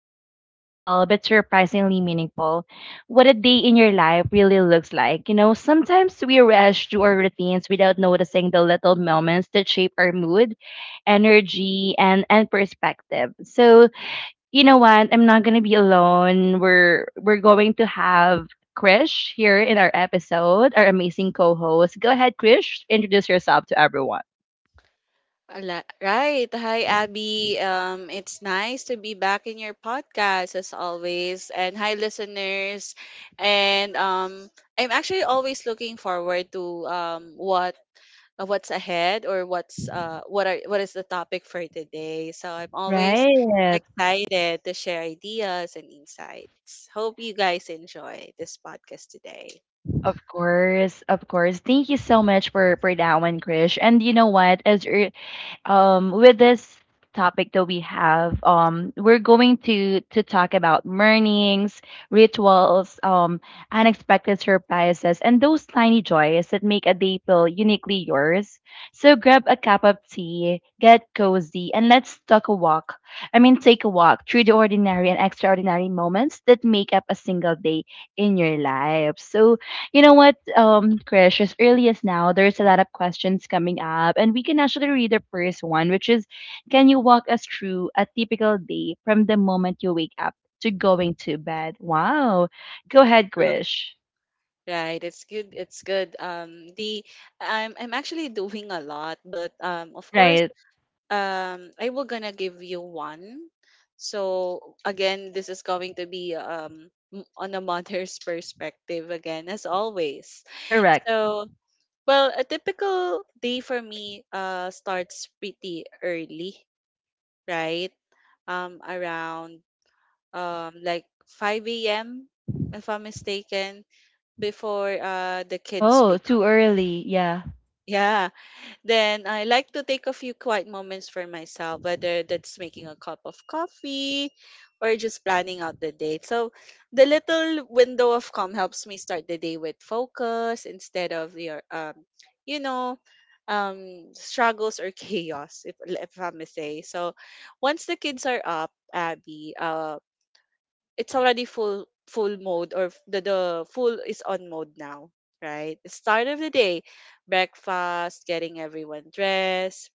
something simple but surprisingly meaningful: what a day in your life really looks like. You know, sometimes we rush through our routines without noticing the little moments that shape our mood, energy, and perspective. So, you know what? I'm not gonna be alone. We're going to have Krish here in our episode, our amazing co-host. Go ahead, Krish. Introduce yourself to everyone. Right. Hi, Abby. It's nice to be back in your podcast as always. And hi, listeners. And I'm actually always looking forward to what what's ahead or what's what are what is the topic for today. So I'm always Right. excited to share ideas and insights. Hope you guys enjoy this podcast today. Of course, of course. Thank you so much for that one, Krish. And you know what? With this topic that we have, we're going to talk about mornings, rituals, unexpected surprises, and those tiny joys that make a day feel uniquely yours. So grab a cup of tea, get cozy, and let's take a walk. I mean, take a walk through the ordinary and extraordinary moments that make up a single day in your life. So you know what, Krish, as early as now, there's a lot of questions coming up, and we can actually read the first one, which is: can you walk us through a typical day from the moment you wake up to going to bed? Wow. Go ahead, Uh, Krish. Right, it's good. It's good. The I'm actually doing a lot, but of course. Right. I will gonna give you one. So again, this is going to be on a mother's perspective again as always. Correct. So well, a typical day for me starts pretty early, right? Around like 5 a.m. if I'm mistaken before the kids Oh, wake up. too early. Yeah. Yeah, then I like to take a few quiet moments for myself, whether that's making a cup of coffee or just planning out the day. So the little window of calm helps me start the day with focus instead of your you know, struggles or chaos if I may say. So once the kids are up, Abby, it's already full mode or f- the full is on mode now, right? The start of the day, breakfast, getting everyone dressed,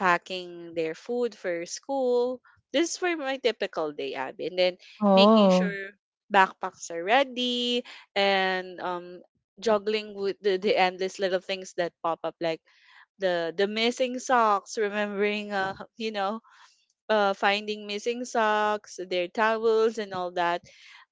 packing their food for school. This is for my typical day, Abby. And then making Oh. sure backpacks are ready, and juggling with the endless little things that pop up like the missing socks, remembering finding missing socks, their towels, and all that.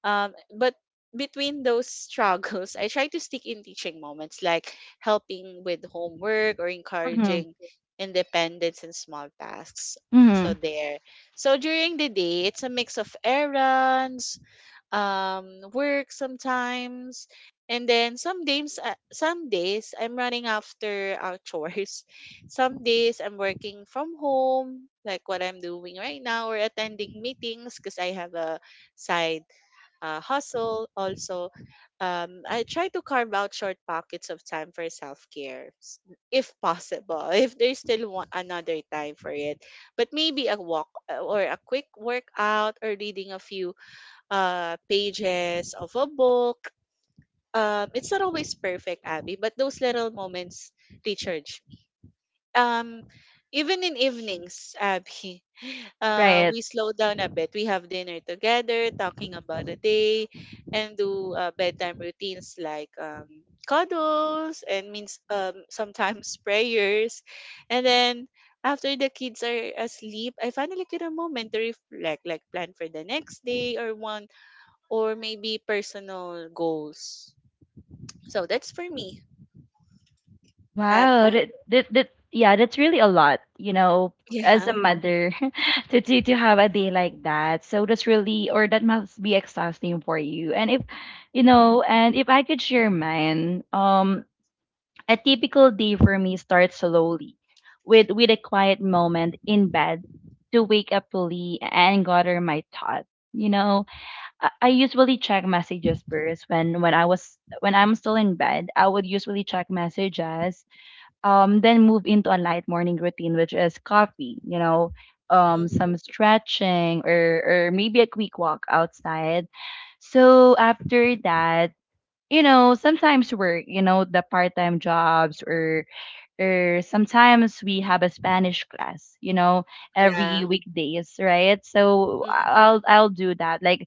But between those struggles, I try to stick in teaching moments like helping with homework or Mm-hmm. encouraging independence in small tasks. So Mm-hmm. there. So during the day, it's a mix of errands, work sometimes, and then some days I'm running after chores, some days I'm working from home like what I'm doing right now, or attending meetings because I have a side hustle also. I try to carve out short pockets of time for self-care if possible, if there's still one, another time for it. But maybe a walk or a quick workout, or reading a few pages of a book. It's not always perfect, Abby, but those little moments recharge me. Um, Even in evenings, Abby, Right. we slow down a bit. We have dinner together, talking about the day, and do bedtime routines like cuddles and means, sometimes prayers. And then after the kids are asleep, I finally get a moment to reflect, like plan for the next day or one, or maybe personal goals. So that's for me, Abby. Wow, that yeah, that's really a lot, you know, as a Yeah. mother to, to have a day like that. So that's really, or that must be exhausting for you. And if and if I could share mine, a typical day for me starts slowly with a quiet moment in bed to wake up fully and gather my thoughts. You know, I usually check messages first when I'm still in bed. I would usually check messages then move into a light morning routine, which is coffee, you know, Mm-hmm. some stretching or maybe a quick walk outside. So after that, you know, sometimes work, you know, the part-time jobs or sometimes we have a Spanish class, you know, Yeah. every weekdays, right? So I'll do that. Like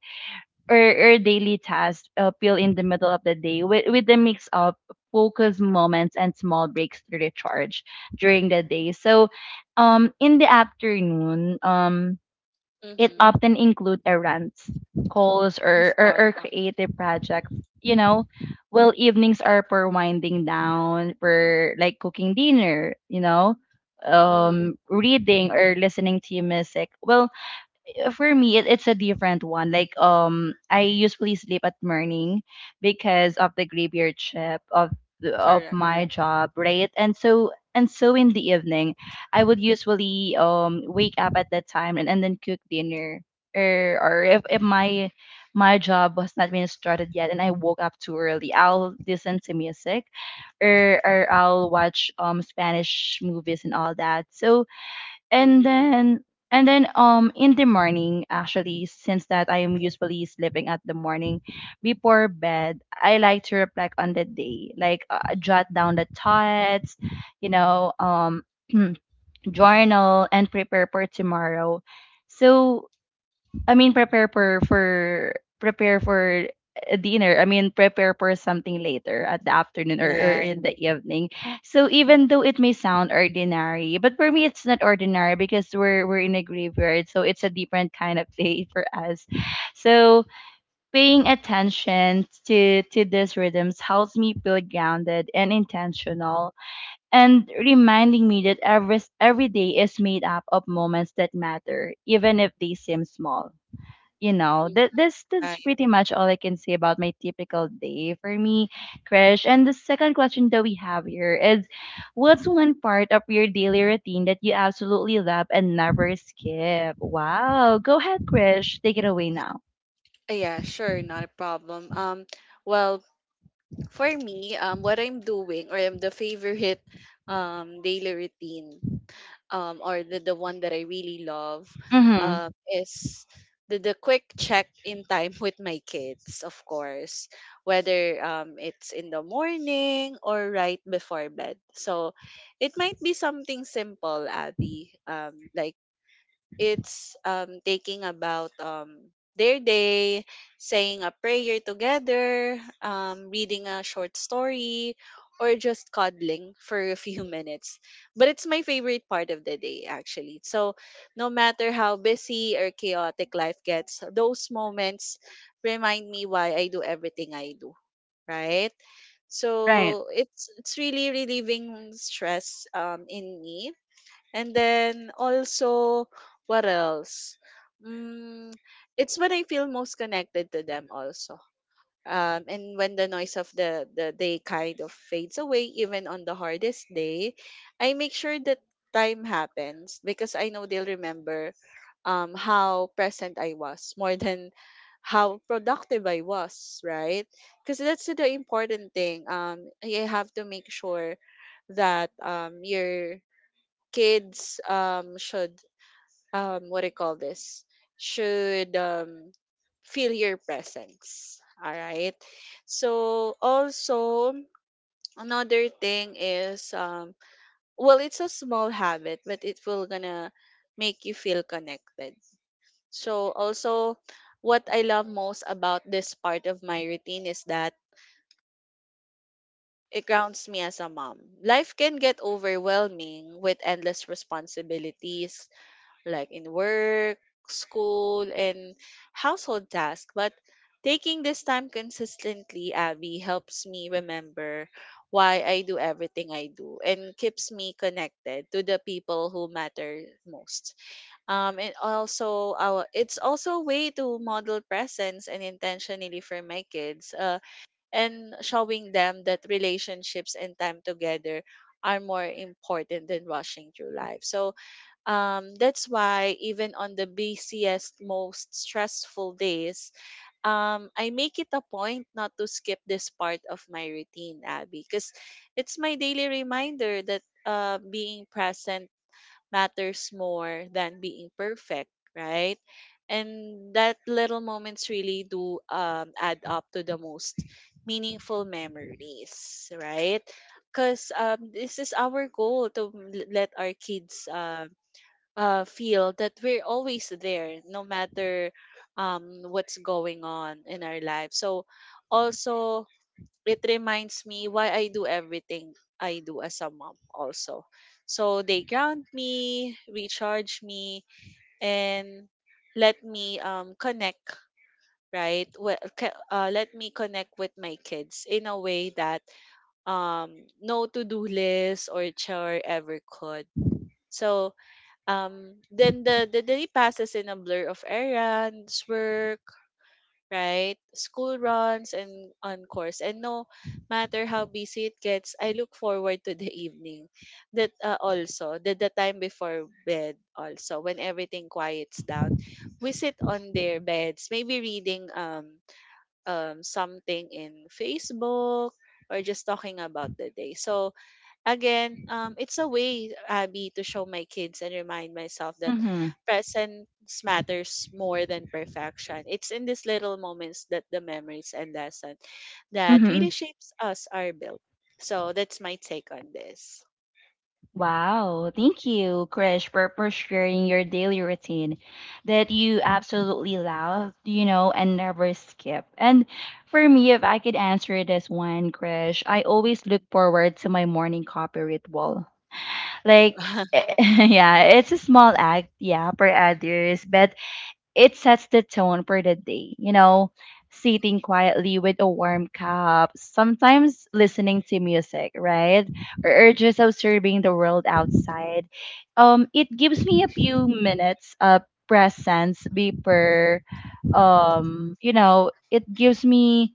or, or daily tasks appeal in the middle of the day with the mix of focus moments and small breaks to recharge during the day. So in the afternoon, it Mm-hmm. often include errands, calls Of or, or, course. or creative projects, you know. Well, evenings are for winding down, for like cooking dinner, you know, Mm, reading or listening to music. Well, for me it's a different one, like I usually sleep at morning because of the graveyard shift of correct. my job, right? And so, in the evening I would usually wake up at that time and then cook dinner or if my my job was not being started yet and I woke up too early, I'll listen to music or I'll watch Spanish movies and all that. So and Mm-hmm. then and then in the morning, actually, since that I am usually sleeping at the morning, before bed I like to reflect on the day, like jot down the thoughts, you know, journal and prepare for tomorrow. So I mean prepare for prepare for a dinner. I mean prepare for something later at the afternoon, or Right. in the evening. So even though it may sound ordinary, but for me it's not ordinary because we're in a graveyard, so it's a different kind of day for us. So paying attention to these rhythms helps me feel grounded and intentional and reminding me that every day is made up of moments that matter, even if they seem small. You know Mm, that, this, that's right. pretty much all I can say about my typical day for me, Krish. And the second question that we have here is: what's one part of your daily routine that you absolutely love and never skip? Wow, go ahead, Krish, take it away now. Yeah, sure, not a problem. Well, for me, what I'm doing or I'm the favorite daily routine, or the one that I really love, Mm-hmm. Is the quick check in time with my kids, of course, whether it's in the morning or right before bed. So it might be something simple, Abby, like it's taking about their day, saying a prayer together, reading a short story, or just cuddling for a few minutes. But it's my favorite part of the day, actually. So, no matter how busy or chaotic life gets, those moments remind me why I do everything I do, right? Right. So it's really relieving stress in me. And then also, what else? Mm, it's when I feel most connected to them also. And when the noise of the day kind of fades away, even on the hardest day, I make sure that time happens because I know they'll remember how present I was more than how productive I was, right? Because that's the important thing. You have to make sure that you're kids should what do you call this should feel your presence, all right? So also another thing is, well, it's a small habit, but it will gonna make you feel connected. So also, what I love most about this part of my routine is that it grounds me as a mom. Life can get overwhelming with endless responsibilities, like in work, school, and household tasks. But taking this time consistently, Abby, helps me remember why I do everything I do, and keeps me connected to the people who matter most. And also, our, it's also a way to model presence and intentionally for my kids, and showing them that relationships and time together are more important than rushing through life. So, that's why even on the busiest, most stressful days, I make it a point not to skip this part of my routine, Abby, because it's my daily reminder that being present matters more than being perfect, right? And that little moments really do add up to the most meaningful memories, right? Because this is our goal to let our kids feel that we're always there no matter what's going on in our life. So also, it reminds me why I do everything I do as a mom also. So they ground me, recharge me, and let me connect, right? Let me connect with my kids in a way that no to-do list or chore ever could. So then the day passes in a blur of errands, work, right, school runs, and on course. And no matter how busy it gets, I look forward to the evening, that also the time before bed also, when everything quiets down, we sit on their beds, maybe reading something in Facebook, or just talking about the day. So again, it's a way, Abby, to show my kids and remind myself that Mm-hmm. presence matters more than perfection. It's in these little moments that the memories and lesson that really Mm-hmm. shapes us are built. So that's my take on this. Wow, thank you, Krish, for sharing your daily routine that you absolutely love, you know, and never skip. And for me, if I could answer this one, Krish, I always look forward to my morning coffee ritual. Like, yeah, it's a small act, yeah, for others, but it sets the tone for the day, you know, sitting quietly with a warm cup, sometimes listening to music, right? Or just observing the world outside. It gives me a few minutes of presence before, you know, it gives me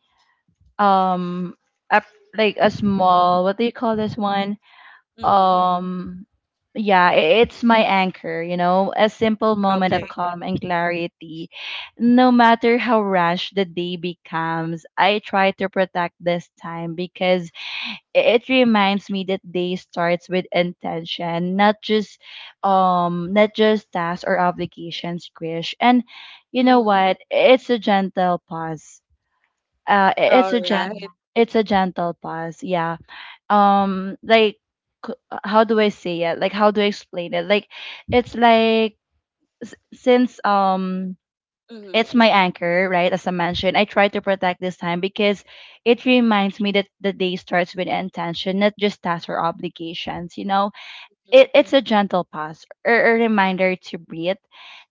um a, like a small, what do you call this one? Hmm. um yeah, it's my anchor, you know, a simple moment of Okay. calm and clarity. No matter how rash the day becomes, I try to protect this time because it reminds me that day starts with intention, not just not just tasks or obligations, Krish. And you know Mm-hmm. what, it's a gentle pause. uh i- All it's a gen right. it's a gentle pause, yeah, like c- how do I say it like how do I explain it like it's like s- since Mm-hmm. it's my anchor, right? As I mentioned, I try to protect this time because it reminds me that the day starts with intention, not just tasks or obligations, you know. It's a gentle pause or a reminder to breathe,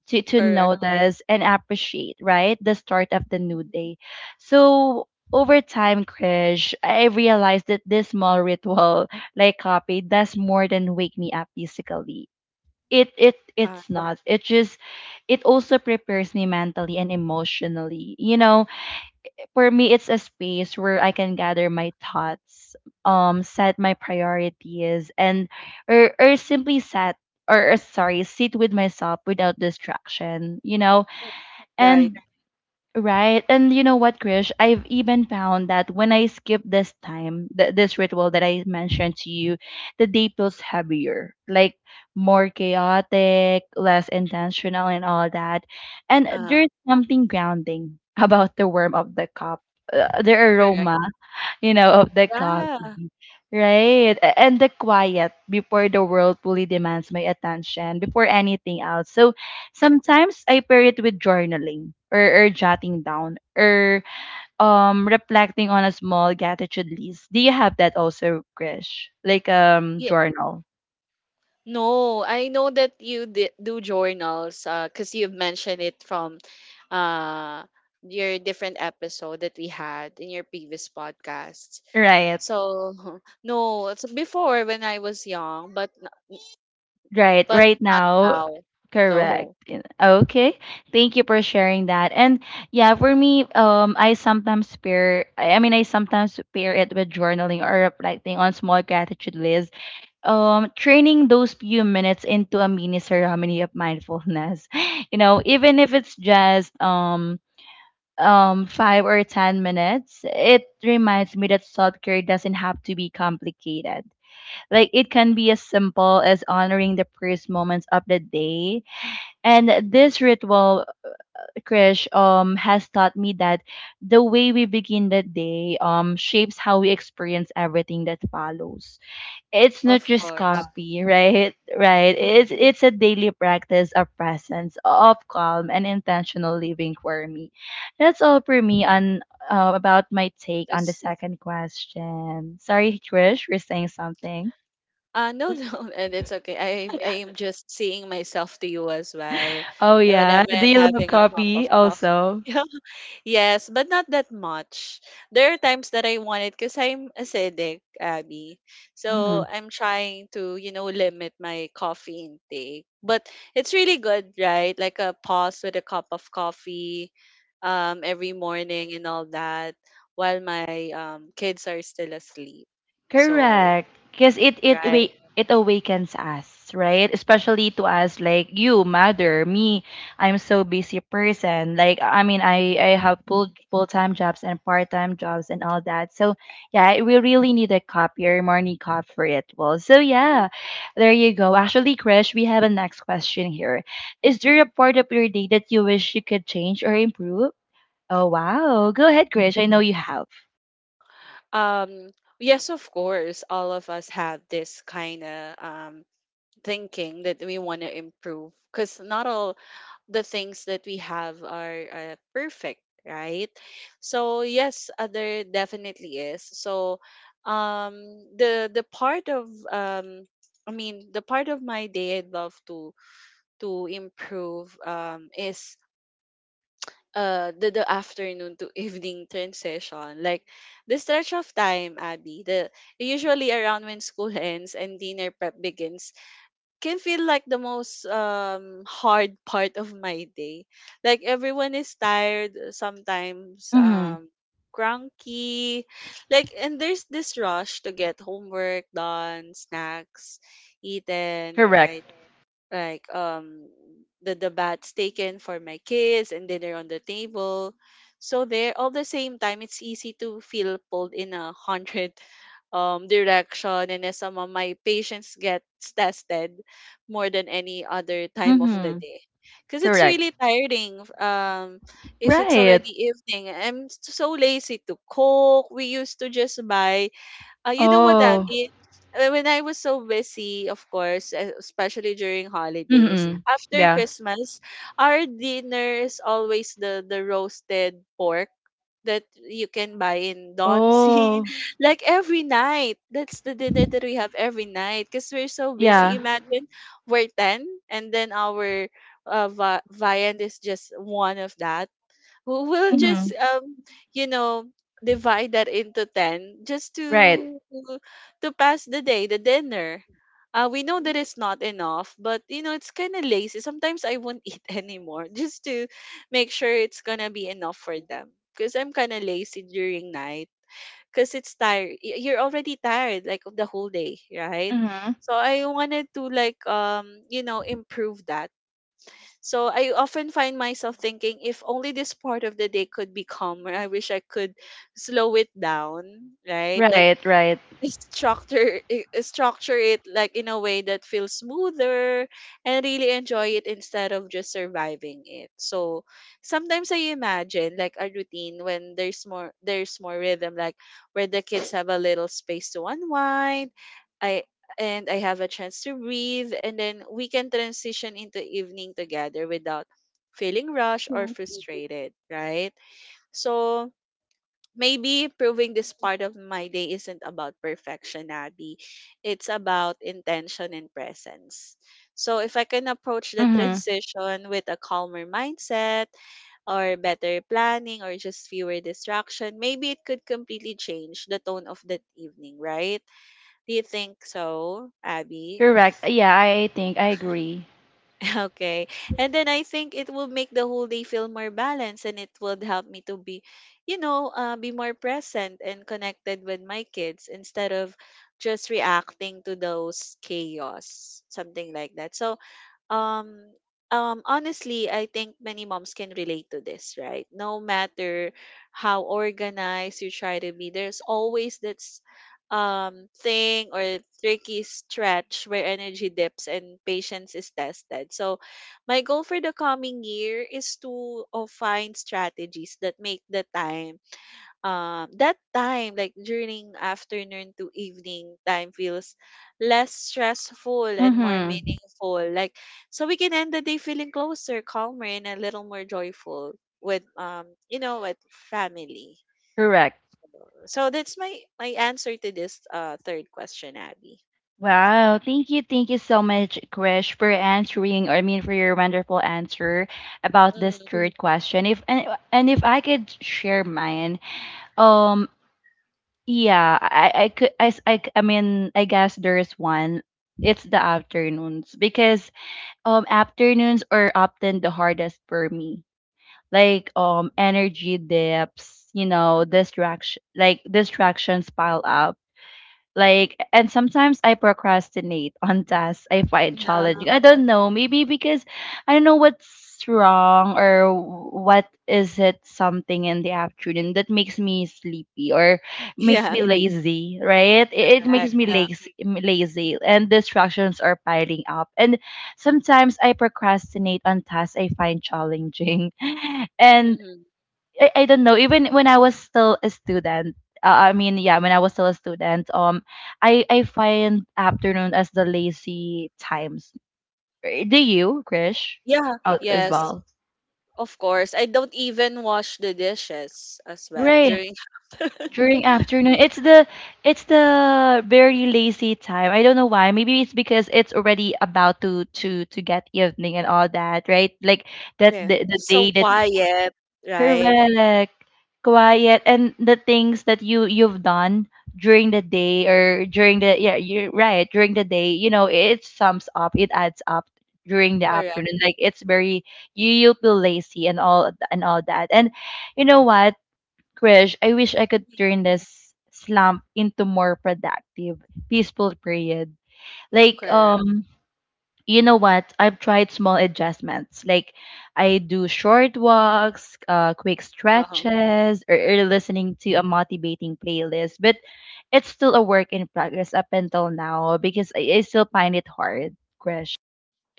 to, Mm-hmm. Correct. notice and appreciate, right, the start of the new Mhm. day. So over time, Krish, I realized that this small ritual like coffee does more than wake me up physically. it it Ah, it's not it just it also prepares me mentally and emotionally, you know. For me, it's a space where I can gather my thoughts, set my priorities, and or simply set or, sorry, sit with myself without distraction, you know. right. And right. And you know what, Krish? I've even found that when I skip this time, this ritual that I mentioned to you, the day feels heavier, like more chaotic, less intentional, and all that. And there's Uh, something grounding about the warmth of the cup, the Correct. aroma, you know, of the coffee, right? And the quiet before the world fully demands my attention, before anything else. So sometimes I pair it with journaling, or jotting down, or reflecting on a small gratitude list. Do you have that also, Krish? Like Yeah. journal. No, I know that you do journals because you've mentioned it from uh, your different episode that we had in your previous podcasts. Right. So no, it's before when I was young, but Right, but right not now, now. correct. No, Okay, thank you for sharing that. And yeah, for me, I sometimes pair. I sometimes pair it with journaling or reflecting on small gratitude lists. Training those few minutes into a mini ceremony of mindfulness. You know, even if it's just 5 or 10 minutes, it reminds me that self care doesn't have to be complicated, like it can be as simple as honoring the first moments of the day. And this ritual, Krish, has taught me that the way we begin the day shapes how we experience everything that follows. It's not of just course. coffee, right? Right. Mm, It's a daily practice of presence, of calm and intentional living for me. That's all for me on about my take on the this- second question. Sorry, Krish, we're saying something. No, no, and it's okay. I am just seeing myself to you as well. Oh yeah. Whenever Do I'm you love having a cup of coffee coffee. also? Yes, but not that much. There are times that I want it because I'm acidic, Abby. So Mm, I'm trying to, you know, limit my coffee intake. But it's really good, right? Like a pause with a cup of coffee, every morning and all that, while my kids are still asleep. So, correct. Because right. It awakens us, right? Especially to us, like you, mother, me. I'm so busy person. I have full time jobs and part time jobs and all that. So yeah, we really need a coffee or morning coffee for it. Well, so Mm. yeah, there you go. Actually, Krish, we have a next question here. Is there a part of your day that you wish you could change or improve? Oh, wow. Go ahead, Krish. I know you have. Um, yes, of course, all of us have this kind of thinking that we want to improve because not all the things that we have are perfect, right? So yes, there definitely is. So um the the part of um the part of my day I'd love to improve is the afternoon to evening transition. Like the stretch of time, Abby, the usually around when school ends and dinner prep begins can feel like the most hard part of my day. Like everyone is tired sometimes, Mm-hmm. Cranky, like, and there's this rush to get homework done, snacks eaten, Correct. right? Like the baths taken for my kids and dinner on the table. So there, all the same time, it's easy to feel pulled in a hundred direction, and as some of my patience gets tested more than any other time of the Mm-hmm. day. Because it's Correct. really tiring, if it's Right. already evening, I'm so lazy to cook, we used to just buy, you know what that Oh. means? When I was so busy, of course, especially during holidays, Mm-hmm. after Yeah. Christmas, our dinner is always the roasted pork that you can buy in Donsi. Oh. Like every night. That's the dinner that we have every night because we're so busy. Yeah. Imagine we're 10, and then our viand is just one of that. We'll will just Mm-hmm. You know, divide that into 10 just to Right. To pass the day, the dinner. We know that it's not enough, but you know, it's kind of lazy. Sometimes I won't eat anymore just to make sure it's gonna be enough for them. Because I'm kind of lazy during night. Because it's tired. You're already tired, like, of the whole day, right? Mm-hmm. So I wanted to, like, you know, improve that. So I often find myself thinking if only this part of the day could be calmer. I wish I could slow it down, right? Like Right, right. I structure it like in a way that feels smoother and really enjoy it instead of just surviving it. So sometimes I imagine like a routine when there's more rhythm, like where the kids have a little space to unwind. I and I have a chance to breathe and then we can transition into evening together without feeling rushed or frustrated, right? So maybe proving this part of my day isn't about perfection, Abby. It's about intention and presence. So if I can approach the Mm-hmm. transition with a calmer mindset or better planning or just fewer distraction, maybe it could completely change the tone of that evening, right? Do you think so, Abby? Correct. Yeah, I think I agree. Okay. And then I think it will make the whole day feel more balanced and it would help me to be, you know, be more present and connected with my kids instead of just reacting to those chaos, something like that. So, um honestly, I think many moms can relate to this, right? No matter how organized you try to be, there's always that thing or tricky stretch where energy dips and patience is tested. So my goal for the coming year is to find strategies that make the time that time, like, during afternoon to evening time feels less stressful and more Mm-hmm. meaningful. Like so we can end the day feeling closer, calmer and a little more joyful with with family. Correct. So that's my answer to this third question, Abby. Wow. Thank you. Thank you so much, Krish, for answering, I mean, for your wonderful answer about this Mm-hmm. third question. If and, and if I could share mine, um, yeah, I could I, s- I c- I mean I guess there's one. It's the afternoons because afternoons are often the hardest for me. Like energy dips, you know, distractions pile up like, and sometimes I procrastinate on tasks I find Yeah. challenging. I don't know, maybe because I don't know what's wrong, or what is it, something in the afternoon that makes me sleepy or makes Yeah, me lazy, right? It makes correct. me Yeah. lazy, lazy, and distractions are piling up. And sometimes I procrastinate on tasks I find challenging, and Mm-hmm. I don't know, even when I was still a student, when I was still a student, I find afternoon as the lazy times. Eh, do you, Krish, Yeah, out as yes. well? Of course. I don't even wash the dishes as well Right. during During afternoon. It's the very lazy time. I don't know why. Maybe it's because it's already about to get evening and all that, right? Like that, yeah. the It's so day that... quiet, right? Correct. Quiet, and the things that you've done during the day or during the, yeah, you're right, during the day, it sums up, it adds up during the Correct. afternoon. Like it's very, you feel lazy and all, and all that. And you know what, Krish, I wish I could Mhm. turn this slump into more productive, peaceful period. Like, Correct. You know what? I've tried small adjustments. Like, I do short walks, quick Uh-huh. stretches, or, listening to a motivating playlist. But it's still a work in progress up until now because I still find it hard, Krish.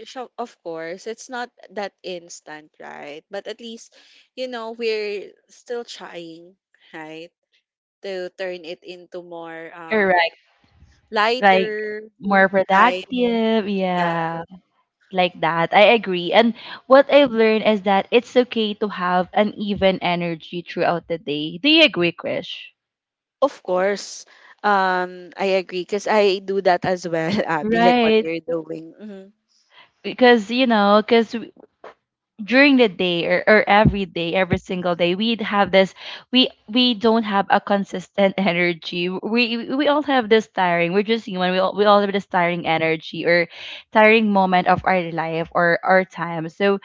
So, of course, it's not that instant, right? But at least, you know, we're still trying, right? To turn it into more Correct. Like, lighter more time. productive. Yeah, Yeah. Like that. I agree. And what I've learned is that it's okay to have an even energy throughout the day. Do you agree, Krish? of course. I agree because I do that as well, Abby, like what Right. you're doing. Hmm. Because, you know, because during the day, or, every day, every single day, we'd have this, we don't have a consistent energy. We all have this tiring, we're just human, we all have this tiring energy, or tiring moment of our life or our time. So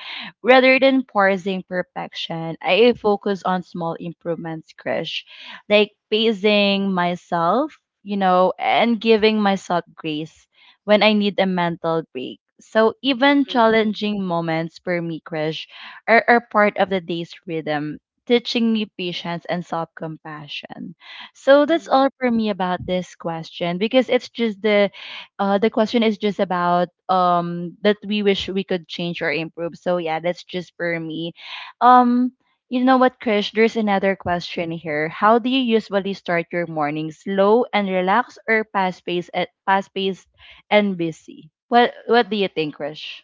rather than parsing perfection, I focus on small improvements, Krish. Like pacing myself, you know, and giving myself grace when I need a mental break. So even Hmm. challenging moments for me, Krish, are part of the day's rhythm, teaching me patience and self-compassion. So that's Hmm. all for me about this question, because it's just the question is just about, that we wish we could change or improve. So yeah, that's just for me. Um, you know what, Krish? There's another question here. How do you usually start your morning? Slow and relaxed, or fast paced? Fast paced and busy. What do you think, Krish?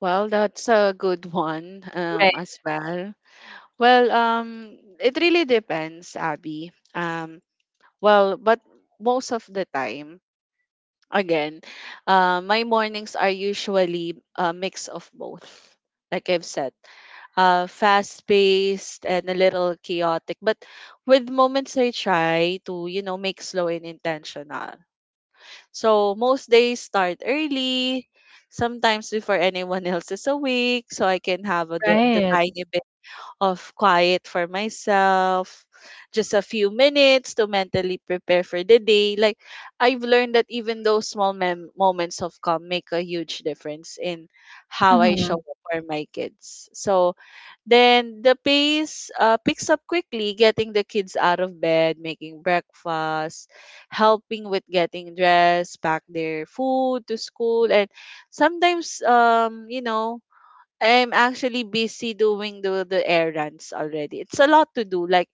Well, that's a good one, Right, as well. Well, it really depends, Abby. Um, well, but most of the time, again, my mornings are usually a mix of both, like I've said, fast paced and a little chaotic, but with moments I try to, you know, make slow and intentional. So most days start early, sometimes before anyone else is awake, so I can have the right. tiny of quiet for myself, just a few minutes to mentally prepare for the day. Like I've learned that even those small moments of calm make a huge difference in how I show Mm-hmm. up for my kids. So then the pace picks up quickly, getting the kids out of bed, making breakfast, helping with getting dressed, pack their food to school, and sometimes I'm actually busy doing the errands already. It's a lot to do. Like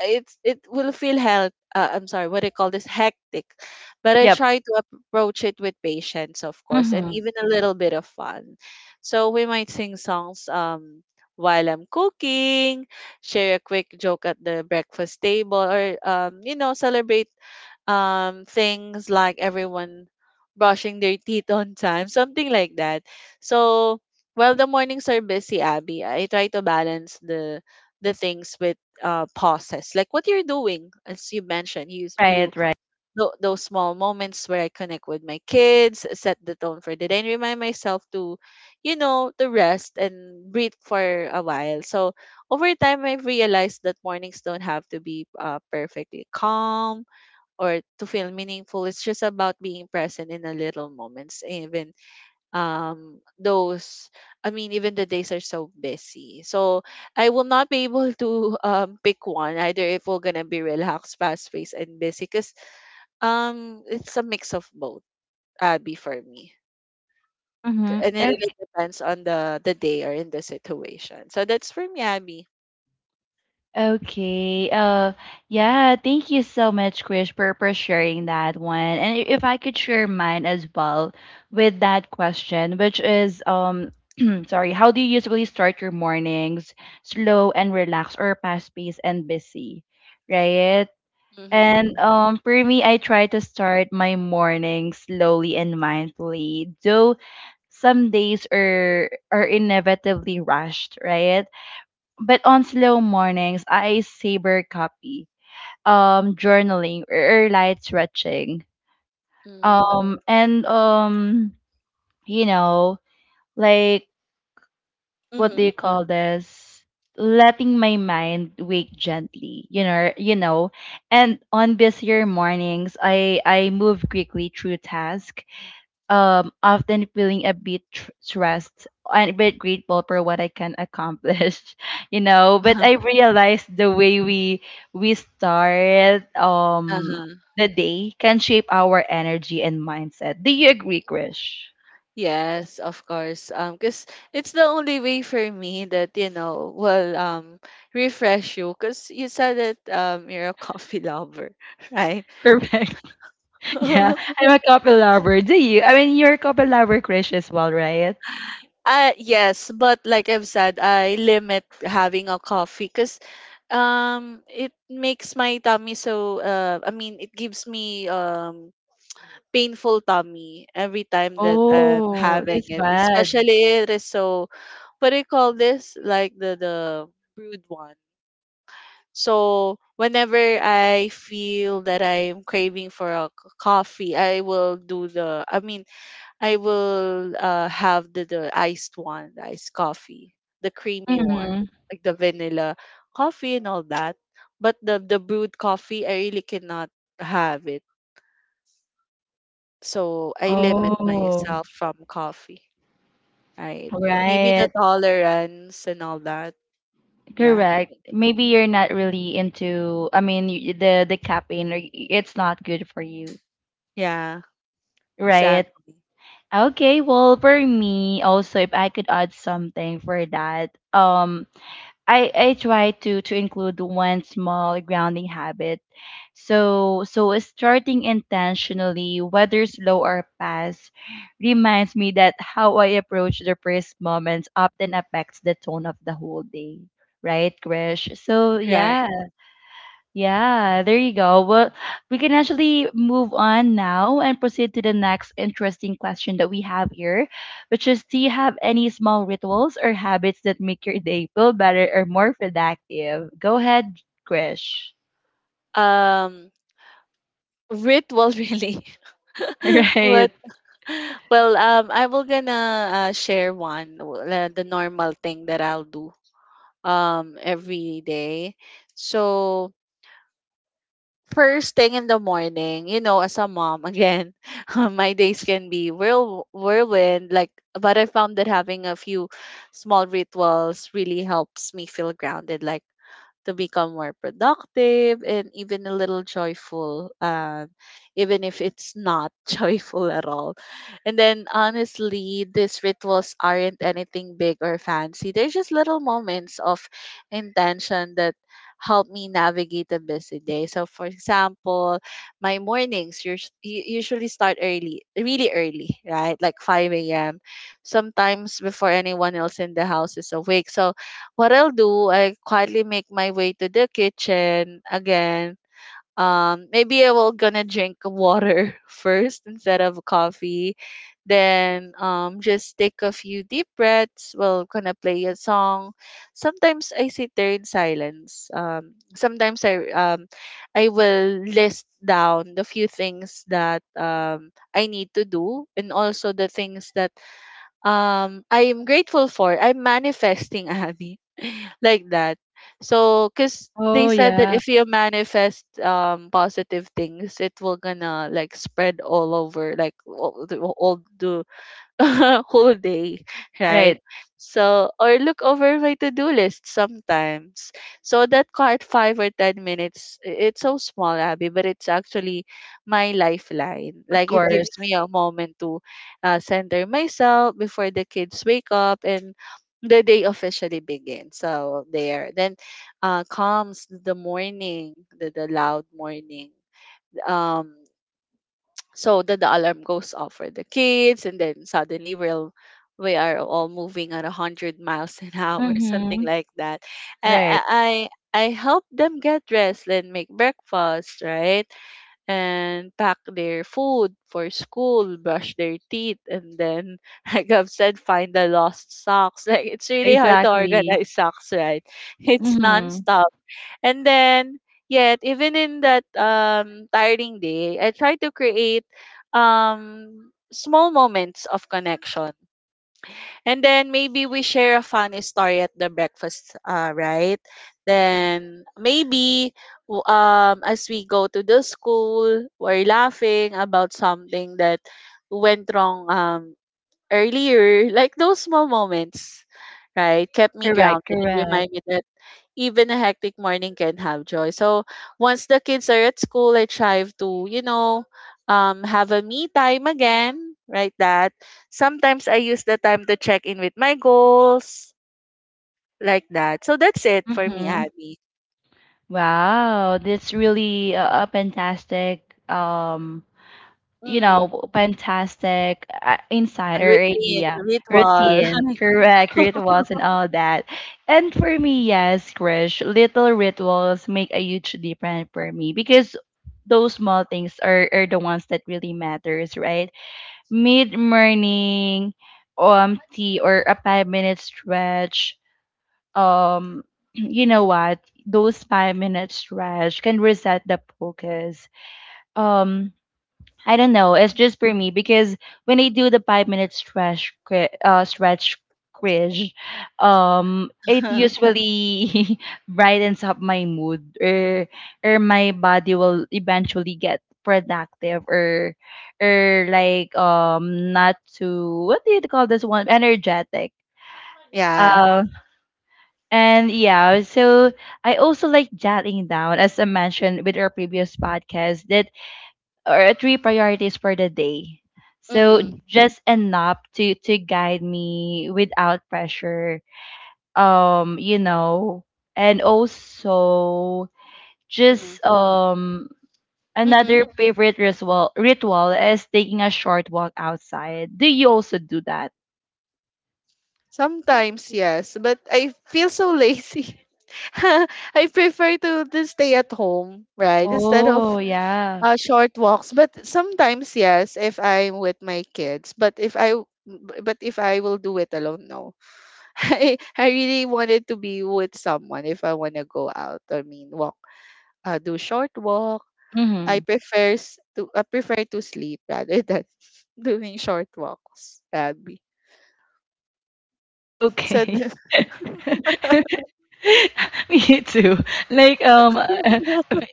it will feel hell. I'm sorry, what do you call this? Hectic. But I Yep. try to approach it with patience, of course, and Mm-hmm. even a little bit of fun. So we might sing songs while I'm cooking, share a quick joke at the breakfast table, or celebrate things like everyone brushing their teeth on time, something like that. So while the mornings are busy, Abby, I try to balance the things with pauses, like what you're doing. As you mentioned, you s- Right, you right. tho- those small moments where I connect with my kids set the tone for the day and remind myself to you know to rest and breathe for a while. So over time I've realized that mornings don't have to be perfectly calm or to feel meaningful. It's just about being present in the little moments, even those. I mean, even the days are so busy. So I will not be able to pick one either. If we're gonna be relaxed, fast paced, and busy, because it's a mix of both. Abby, for me, Mm-hmm. and it really Okay. depends on the day or in the situation. So that's for me, Abby. Okay. Yeah, thank you so much, Krish, for, sharing that one. And I- if I could share mine as well with that question, which is, um. Sorry, how do you usually start your mornings? Slow and relaxed, or fast paced and busy? Right? Mm-hmm. And for me, I try to start my morning slowly and mindfully, though some days are inevitably rushed, right? But on slow mornings, I savor copy, journaling or, light stretching, Mm-hmm. And you know, like, what do Mm. you call this, letting my mind wake gently, you know. You know, and on busier mornings, I move quickly through tasks, often feeling a bit tr- stressed and a bit grateful for what I can accomplish. You know, but I realized the way we start Uh-huh. the day can shape our energy and mindset. Do you agree, Krish? Yes, of course. Cause it's the only way for me that, you know, will refresh you. Cause you said that you're a coffee lover, right? Perfect. Yeah, I'm a couple lover. Do you? I mean, you're a couple lover, crush, as well, right? Yes, but like I've said, I limit having a coffee. Cause it makes my tummy so, I mean it gives me painful tummy every time that I'm Oh, having that's it. bad. Especially it is so, what do you call this? Like the brewed one. So whenever I feel that I'm craving for a coffee, I will do the. I mean, I will have the iced one, the iced coffee, the creamy one, Mm-hmm. like the vanilla coffee and all that. But the brewed coffee, I really cannot have it. So I limit Oh, myself from coffee. Right? Maybe the right. tolerance and all that. Yeah. Correct. Maybe you're not really into, I mean, y- the caffeine, or y- it's not good for you, Yeah. right? Exactly. Okay, well, for me also, if I could add something for that, I try to include one small grounding habit. So starting intentionally, whether slow or fast, reminds me that how I approach the first moments often affects the tone of the whole day. Right, Krish? So Right. yeah. Yeah, there you go. Well, we can actually move on now and proceed to the next interesting question that we have here, which is, do you have any small rituals or habits that make your day feel better or more productive? Go ahead, Krish. Um. Ritual, really. What? Right. Well, I will gonna share the normal thing that I'll do every day. So first thing in the morning, you know, as a mom again, my days can be whirlwind. Like, but I found that having a few small rituals really helps me feel grounded. Like to become more productive and even a little joyful, even if it's not joyful at all. And then, honestly, these rituals aren't anything big or fancy. They're just little moments of intention that help me navigate a busy day. So, for example, my mornings usually start early, really early, right? Like 5 a.m. Sometimes before anyone else in the house is awake. So, what I'll do, I quietly make my way to the kitchen again. Maybe I will gonna drink water first instead of coffee. Then, just take a few deep breaths. Well, gonna play a song. Sometimes I sit there in silence. Sometimes I will list down the few things that I need to do and also the things that I am grateful for. I'm manifesting, Abby, like that. So, because they Oh, said that yeah. if you manifest positive things, it will gonna like spread all over, like all the whole day, right? Right. So, or look over my to-do list sometimes. So that cut 5 or 10 minutes, it's so small, Abby, but it's actually my lifeline. Of Like it course. gives me a moment to center myself before the kids wake up and the day officially begins. So there, then comes the morning, the loud morning. Um, so then the alarm goes off for the kids, and then suddenly we are all moving at 100 miles an hour, something Mm-hmm. like that. Right. I I help them get dressed, then make breakfast, right, and pack their food for school, brush their teeth, and then like I've said, find the lost socks. Like it's really hard to Exactly. organize socks, right? It's Mm-hmm. nonstop and then, yet, even in that tiring day, I try to create small moments of connection. And then maybe we share a funny story at the breakfast, right? Then maybe, as we go to the school, we're laughing about something that went wrong, earlier. Like those small moments, right? Kept me Correct. grounded and Correct. remind me that even a hectic morning can have joy. So once the kids are at school, I try to, you know, have a me time again, right? That sometimes I use the time to check in with my goals, like that. So that's it for me, Mm-hmm. Abby. Wow, that's really a, fantastic, you Mm, know, fantastic a insider routine, idea, a ritual. routine, correct, rituals, and all that. And for me, yes, Krish, little rituals make a huge difference for me, because those small things are the ones that really matters, right? Mid morning, tea or a 5-minute stretch, um. You know what? Those 5-minute stretch can reset the focus. Um, I don't know. It's just for me, because when I do the 5-minute stretch, cri- stretch quiz, it usually brightens up my mood, or my body will eventually get productive, or, like, not too, what do you call this one, energetic. Yeah. Uh, and yeah, so I also like jotting down, as I mentioned with our previous podcast, that or three priorities for the day. So Mm-hmm, just enough to guide me without pressure. You know, and also mm-hmm, just, mm-hmm. another favorite ritual is taking a short walk outside. Do you also do that? Sometimes, yes, but I feel so lazy. I prefer to stay at home, right? Instead of, Oh yeah. uh, short walks, but sometimes yes, if I'm with my kids. But if I will do it alone, no. I really wanted to be with someone if I want to go out. I mean, walk, do short walk. Mm-hmm. I prefer to sleep rather than doing short walks, Abby. So Okay. th- Me too. Like,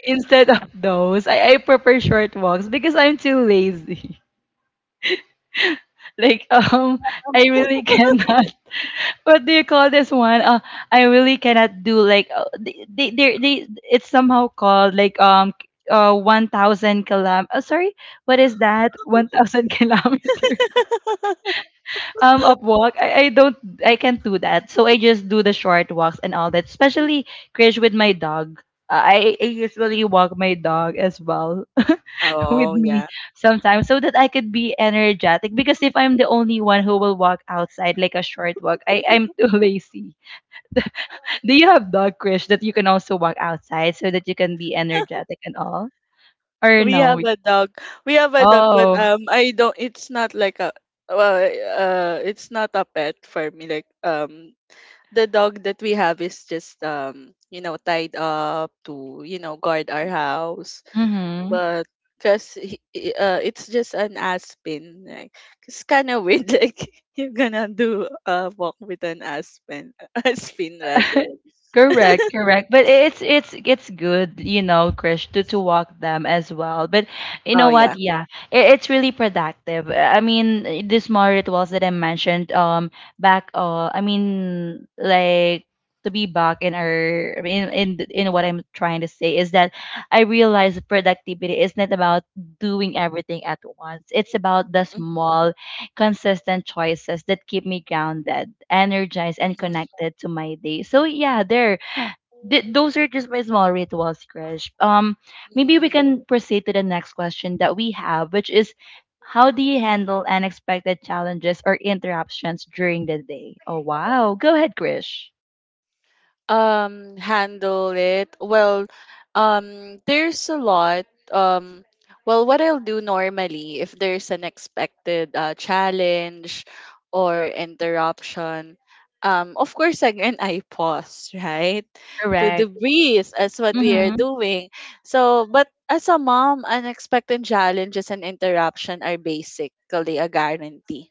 instead of those, I prefer short walks because I'm too lazy. Like, I really cannot. What do you call this one? I really cannot do, like, they it's somehow called like, uh, 1,000 kilometer. Sorry, what is that? 1,000 kilometers. Of walk. I don't. I can't do that. So I just do the short walks and all that. Especially, Krish, with my dog. I usually walk my dog as well with me sometimes, so that I could be energetic. Because if I'm the only one who will walk outside, like a short walk, I'm too lazy. Do you have dog, Krish, that you can also walk outside so that you can be energetic and all? Or We no? have a dog. We have a dog, but Oh. I don't. It's not like a. Well, it's not a pet for me. Like, the dog that we have is just tied up to, you know, guard our house, Mm-hmm. but because, it's just an aspen. Like, it's kind of weird like you're gonna do a walk with an aspen, aspen rather. Correct, correct. But it's good, you know, Krish, to walk them as well. But you Oh know what? yeah. Yeah, it, it's really productive. I mean, these small rituals that I mentioned, back, I mean, like to be back in our in what I'm trying to say is that I realize productivity is not about doing everything at once. It's about the Mhm. small consistent choices that keep me grounded, energized, and Mhm. connected to my day. So yeah, there. Th- those are just my small rituals, Krish. Maybe we Mhm. can proceed to the next question that we have, which is, how do you handle unexpected challenges or interruptions during the day? Oh wow, go ahead, Krish. Handle it well. There's a lot. um well, what I'll do normally if there's an expected challenge or interruption, of course, again, I pause, right, to Correct. debrief as what we are Mm-hmm. doing. So but as a mom, unexpected challenges and interruption are basically a guarantee.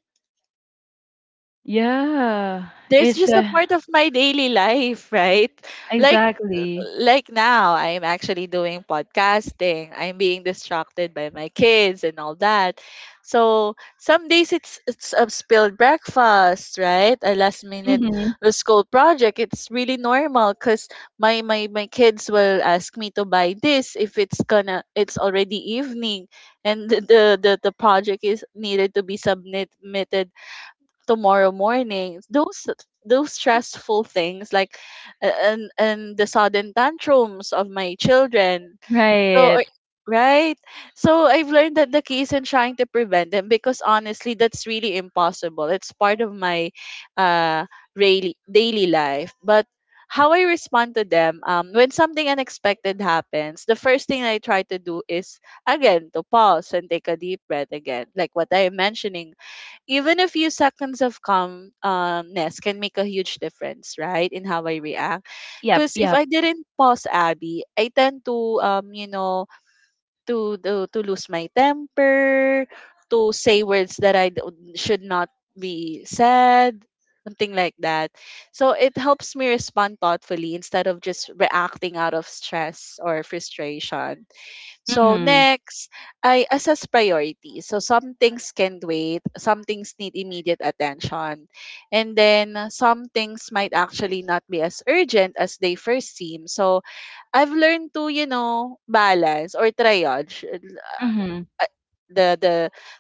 Yeah, There's it's just a part of my daily life, right? Like exactly. like now I'm actually doing podcasting. I'm being distracted by my kids and all that. So some days it's a spilled breakfast, right? A last minute Mm-hmm. school project. It's really normal because my kids will ask me to buy this if it's already evening and the project is needed to be submitted tomorrow morning. Those stressful things like and the sudden tantrums of my children. so Right. I- right, so I've learned that the key is in trying to prevent them because honestly that's really impossible. It's part of my uh really daily life. But how I respond to them, when something unexpected happens, the first thing I try to do is again to pause and take a deep breath again, like what I am mentioning. Even a few seconds of calmness can make a huge difference, right, in how I react. Yep. Because if Yep. I didn't pause, Abby, I tend to, to lose my temper, to say words that should not be said, something like that. So it helps me respond thoughtfully instead of just reacting out of stress or frustration. So Mm-hmm. next, I assess priorities. So some things can wait, some things need immediate attention, and then some things might actually not be as urgent as they first seem. So I've learned to, you know, balance or triage Mm-hmm. uh, the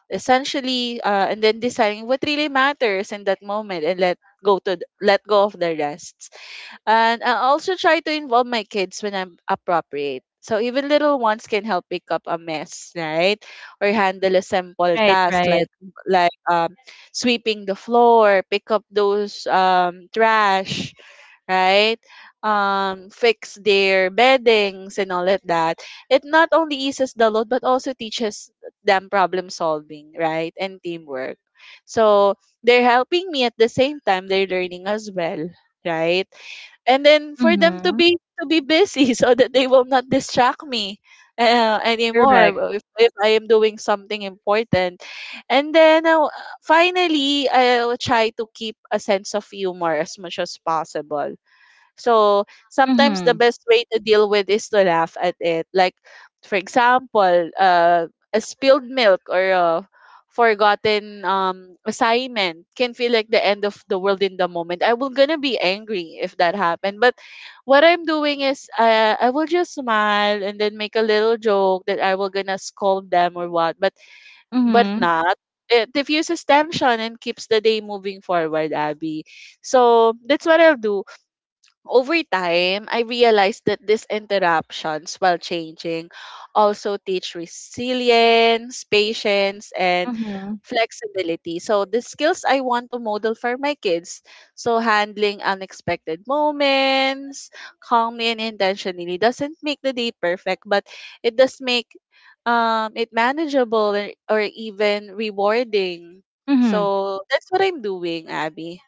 essentially and then deciding what really matters in that moment and let go of the rest. And I also try to involve my kids when I'm appropriate. So even little ones can help pick up a mess, right? Or handle a simple Right. task like Right. like um sweeping the floor, pick up those trash, right? Fix their beddings and all of that. It not only eases the load but also teaches them problem solving, right? And teamwork. So they're helping me at the same time they're learning as well, right? And then for them Mhm. To be busy so that they will not distract me anymore Correct. If I am doing something important. And then finally, I'll try to keep a sense of humor as much as possible. So sometimes the Mhm. best way to deal with is to laugh at it. Like, for example, a spilled milk or a forgotten assignment can feel like the end of the world in the moment. I will gonna be angry if that happened. But what I'm doing is I will just smile and then make a little joke that I will gonna scold them or what. But Mhm. not. It diffuses tension and keeps the day moving forward, Abby. So that's what I'll do. Over time, I realized that these interruptions, while changing, also teach resilience, patience, and Mhm. flexibility. So, the skills I want to model for my kids. So, handling unexpected moments calmly and intentionally doesn't make the day perfect, but it does make it manageable or even rewarding. Mhm. So, that's what I'm doing, Abby.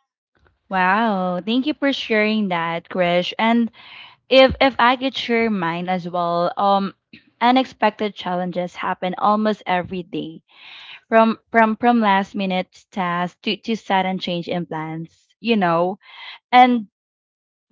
Wow, thank you for sharing that, Krish. And if I could share mine as well, um, unexpected challenges happen almost every day. From last minute tasks to sudden change in plans, you know. And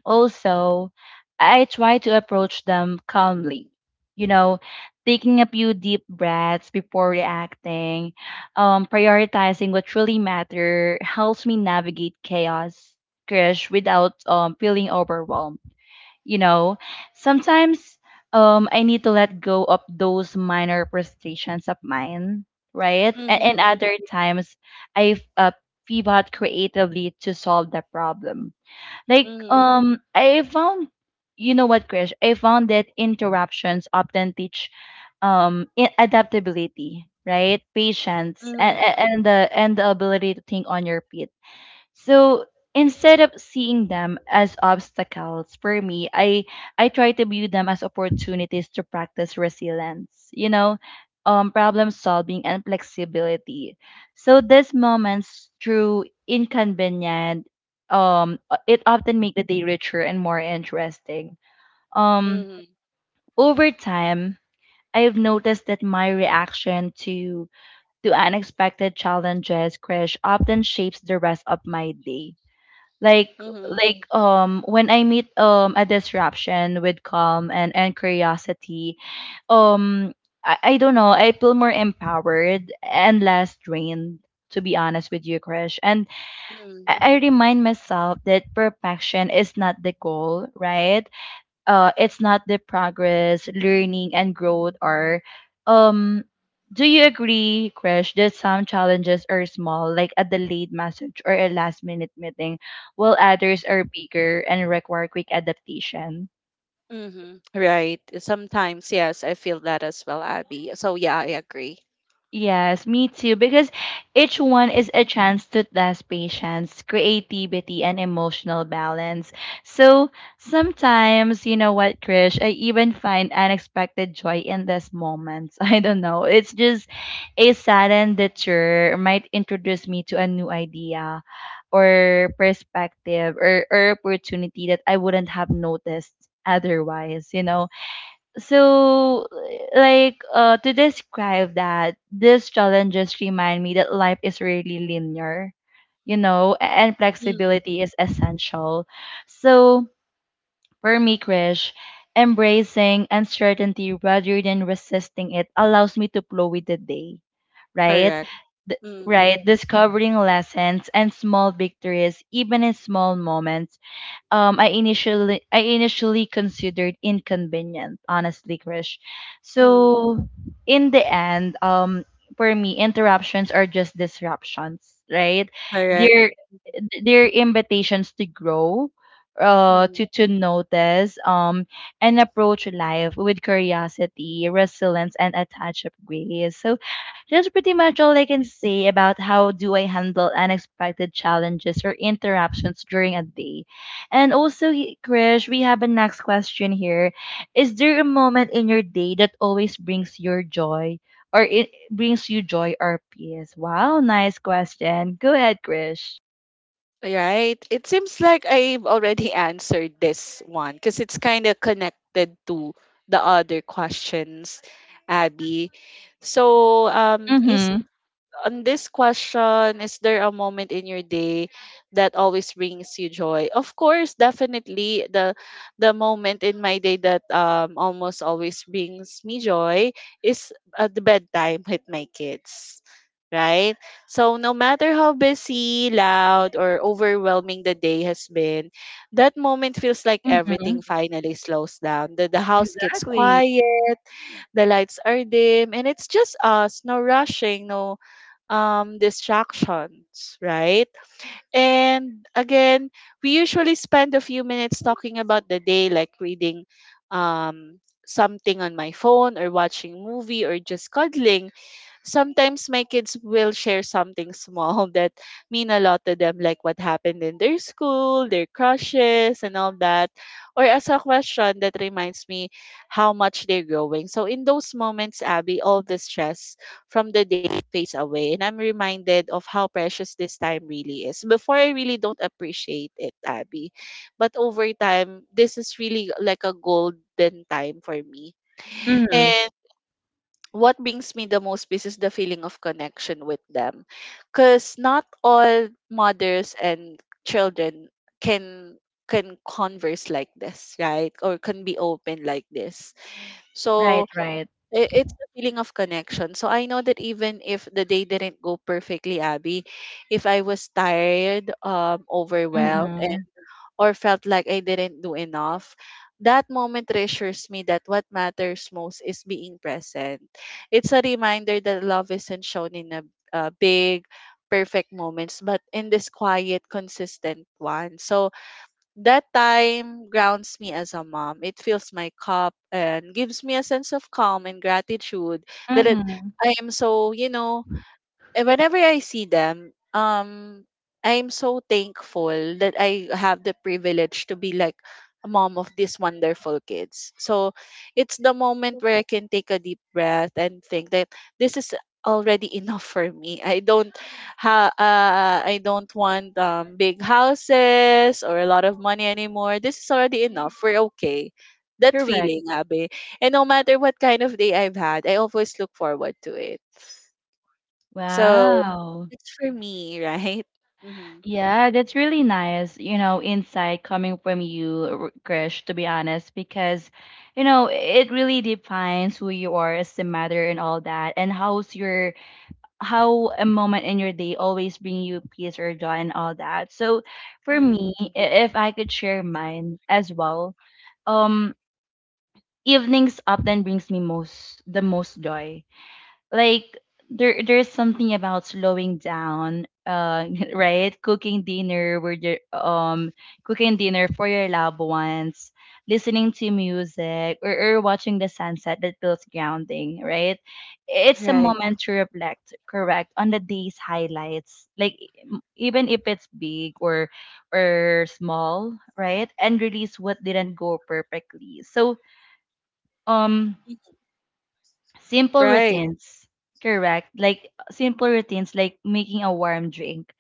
also, I try to approach them calmly, you know, taking a few deep breaths before reacting, prioritizing what truly matter helps me navigate chaos, crash, without, feeling overwhelmed. You know, sometimes I need to let go of those minor frustrations of mine, right? And, Mm-hmm, other times I, pivot creatively to solve the problem, like, mm-hmm, I found, you know what, Krish? I found that interruptions often teach, I- adaptability, right? Patience and mm-hmm. The ability to think on your feet. So instead of seeing them as obstacles for me, I try to view them as opportunities to practice resilience, you know, problem solving, and flexibility. So these moments, through inconvenient, it often make the day richer and more interesting. Um, Mm-hmm. over time, I've noticed that my reaction to unexpected challenges, crash, often shapes the rest of my day, like Mm-hmm. like, when I meet, a disruption with calm and, curiosity, um, I don't know, I feel more empowered and less drained, to be honest with you, Krish. And I remind myself that perfection is not the goal, right? It's not the progress, learning and growth are, um do you agree, Krish, that some challenges are small, like a delayed message or a last minute meeting, while others are bigger and require quick adaptation? Mm-hmm. Right. Sometimes, yes, I feel that as well, Abby. So yeah, I agree. Yes, me too, because each one is a chance to test patience, creativity, and emotional balance. So sometimes, you know what, Krish, I even find unexpected joy in these moments. I don't know. It's just a sudden detour might introduce me to a new idea or perspective, or, opportunity that I wouldn't have noticed otherwise, you know? So like to describe that these challenges remind me that life is really linear, you know, and Mm-hmm. flexibility is essential. So for me, Krish, embracing uncertainty rather than resisting it allows me to flow with the day, right? Correct. Th- Mm-hmm. right, discovering lessons and small victories, even in small moments. I initially considered inconvenient, honestly, Krish. So in the end, for me, interruptions are just disruptions, right? Correct. They're their invitations to grow, Mm. to notice, and approach life with curiosity, resilience, and a touch of grace. So that's pretty much all I can say about how do I handle unexpected challenges or interruptions during a day. And also, Krish, we have a next question here. Is there a moment in your day that always brings your joy, or it brings you joy or peace? Wow, nice question. Go ahead, Krish. Right. It seems like I've already answered this one because it's kind of connected to the other questions, Abby. So, is Mhm, on this question, is there a moment in your day that always brings you joy? Of course, definitely the moment in my day that almost always brings me joy is at the bedtime with my kids. Right? So no matter how busy, loud, or overwhelming the day has been, that moment feels like everything mhm. finally slows down. The house gets Exactly. quiet, the lights are dim, and it's just us, no rushing, no distractions, right? And again, we usually spend a few minutes talking about the day, like reading um, something on my phone or watching movie or just cuddling. Sometimes my kids will share something small that mean a lot to them, like what happened in their school, their crushes, and all that, or as a question that reminds me how much they're growing. So in those moments, Abby, all the stress from the day fades away, and I'm reminded of how precious this time really is. Before, I really don't appreciate it, Abby, but over time, this is really like a golden time for me. Mm. And what brings me the most peace is the feeling of connection with them, because not all mothers and children can converse like this, right, or can be open like this. so Right, right. It's a feeling of connection, so I know that even if the day didn't go perfectly, Abby, if I was tired, overwhelmed, Mhm, or felt like I didn't do enough, that moment reassures me that what matters most is being present. It's a reminder that love isn't shown in a big, perfect moments, but in this quiet, consistent one. So that time grounds me as a mom. It fills my cup and gives me a sense of calm and gratitude. that it, mhm. I am so, you know, eh, whenever I see them, I'm so thankful that I have the privilege to be like a mom of these wonderful kids. So it's the moment where I can take a deep breath and think that this is already enough for me. I don't want big houses or a lot of money anymore. This is already enough. We're okay. That Correct. feeling, Abe. And no matter what kind of day I've had, I always look forward to it. So Wow. it's for me, right? Mm-hmm. Yeah, that's really nice, insight coming from you, Krish, to be honest, because, it really defines who you are as a mother and all that, and how a moment in your day always bring you peace or joy and all that. So for me, Mm. If I could share mine as well, um, evenings often brings me most the most joy. Like there's something about slowing down, right? Cooking dinner where you cooking dinner for your loved ones, listening to music, or watching the sunset that feels grounding, right? It's a Right. moment to reflect, correct, on the day's highlights. Like even if it's big or small, right? And release what didn't go perfectly. So um simple Right. routines. Correct. Like simple routines, like making a warm drink,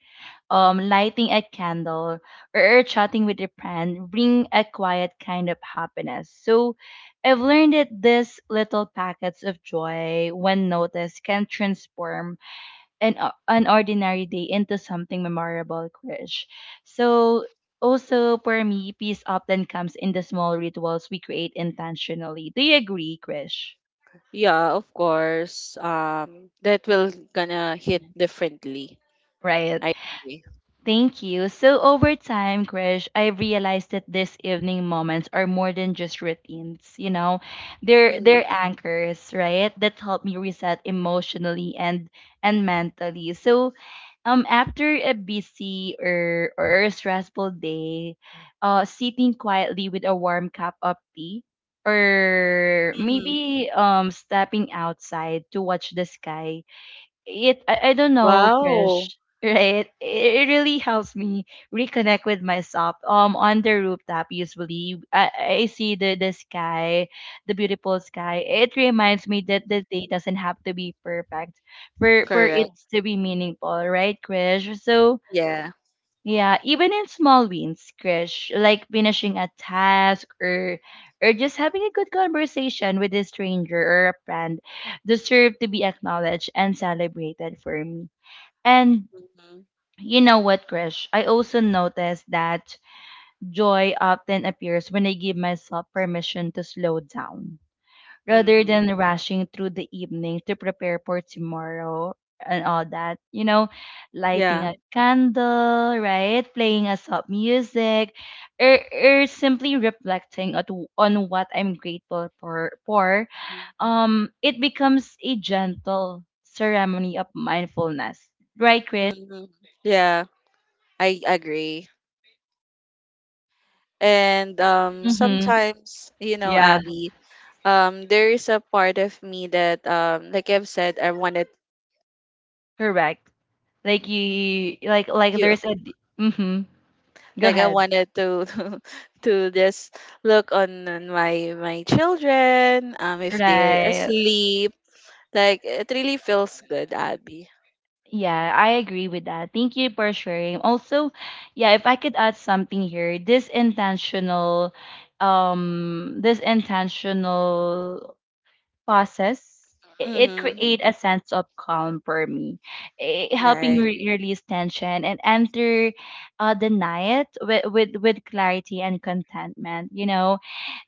lighting a candle or chatting with a friend bring a quiet kind of happiness. So I've learned that these little packets of joy, when noticed, can transform an ordinary day into something memorable, Krish. So also for me, peace often comes in the small rituals we create intentionally. Do you agree, Krish? Yeah, of course. That will gonna hit Yeah. differently. Right. I agree. Thank you. So over time, Krish, I realized that these evening moments are more than just routines. They're Mm-hmm. anchors, right, that help me reset emotionally and mentally. So after a busy or a stressful day, sitting quietly with a warm cup of tea, or Mm-hmm. maybe stepping outside to watch the sky, I don't know, Wow. Krish. Right, it really helps me reconnect with myself. On the rooftop, usually I see the sky, the beautiful sky. It reminds me that the day doesn't have to be perfect for it Correct. to be meaningful, right, Krish? So Yeah. yeah, even in small wins, Krish, like finishing a task or just having a good conversation with a stranger or a friend deserve to be acknowledged and celebrated for me. And Mm-hmm. you know what, Krish? I also noticed that joy often appears when I give myself permission to slow down rather Mm-hmm. than rushing through the evening to prepare for tomorrow and all that. Lighting Yeah. a candle, right? Playing a soft music, or simply reflecting on what I'm grateful for. It becomes a gentle ceremony of mindfulness. Right, Chris? Mm-hmm. Yeah. I agree. And Mm-hmm. sometimes, you know, Yeah, Abby, there is a part of me that like I've said, I wanted correct. Like you, like you. there's a. Mm-hmm. Go Like I ahead. wanted to to just look on my children, if they're Right. asleep. Like it really feels good, Abby. Yeah, I agree with that. Thank you for sharing. Also, yeah, if I could add something here, this intentional um this intentional process. It Mm-hmm. create a sense of calm for me, helping Right. Release tension and enter the night with, with clarity and contentment.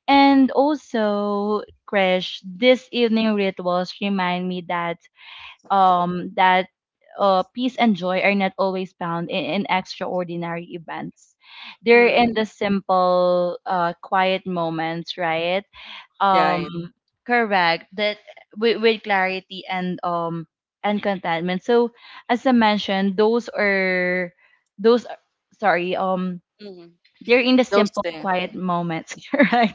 And also, Krish, this evening rituals remind me that peace and joy are not always found in extraordinary events. They're in Mm-hmm. the simple, quiet moments, right? Right. Um, correct. That, with clarity and contentment. So as I mentioned, those. Are, sorry. Mm-hmm. They're in the Those simple, things. quiet moments, right?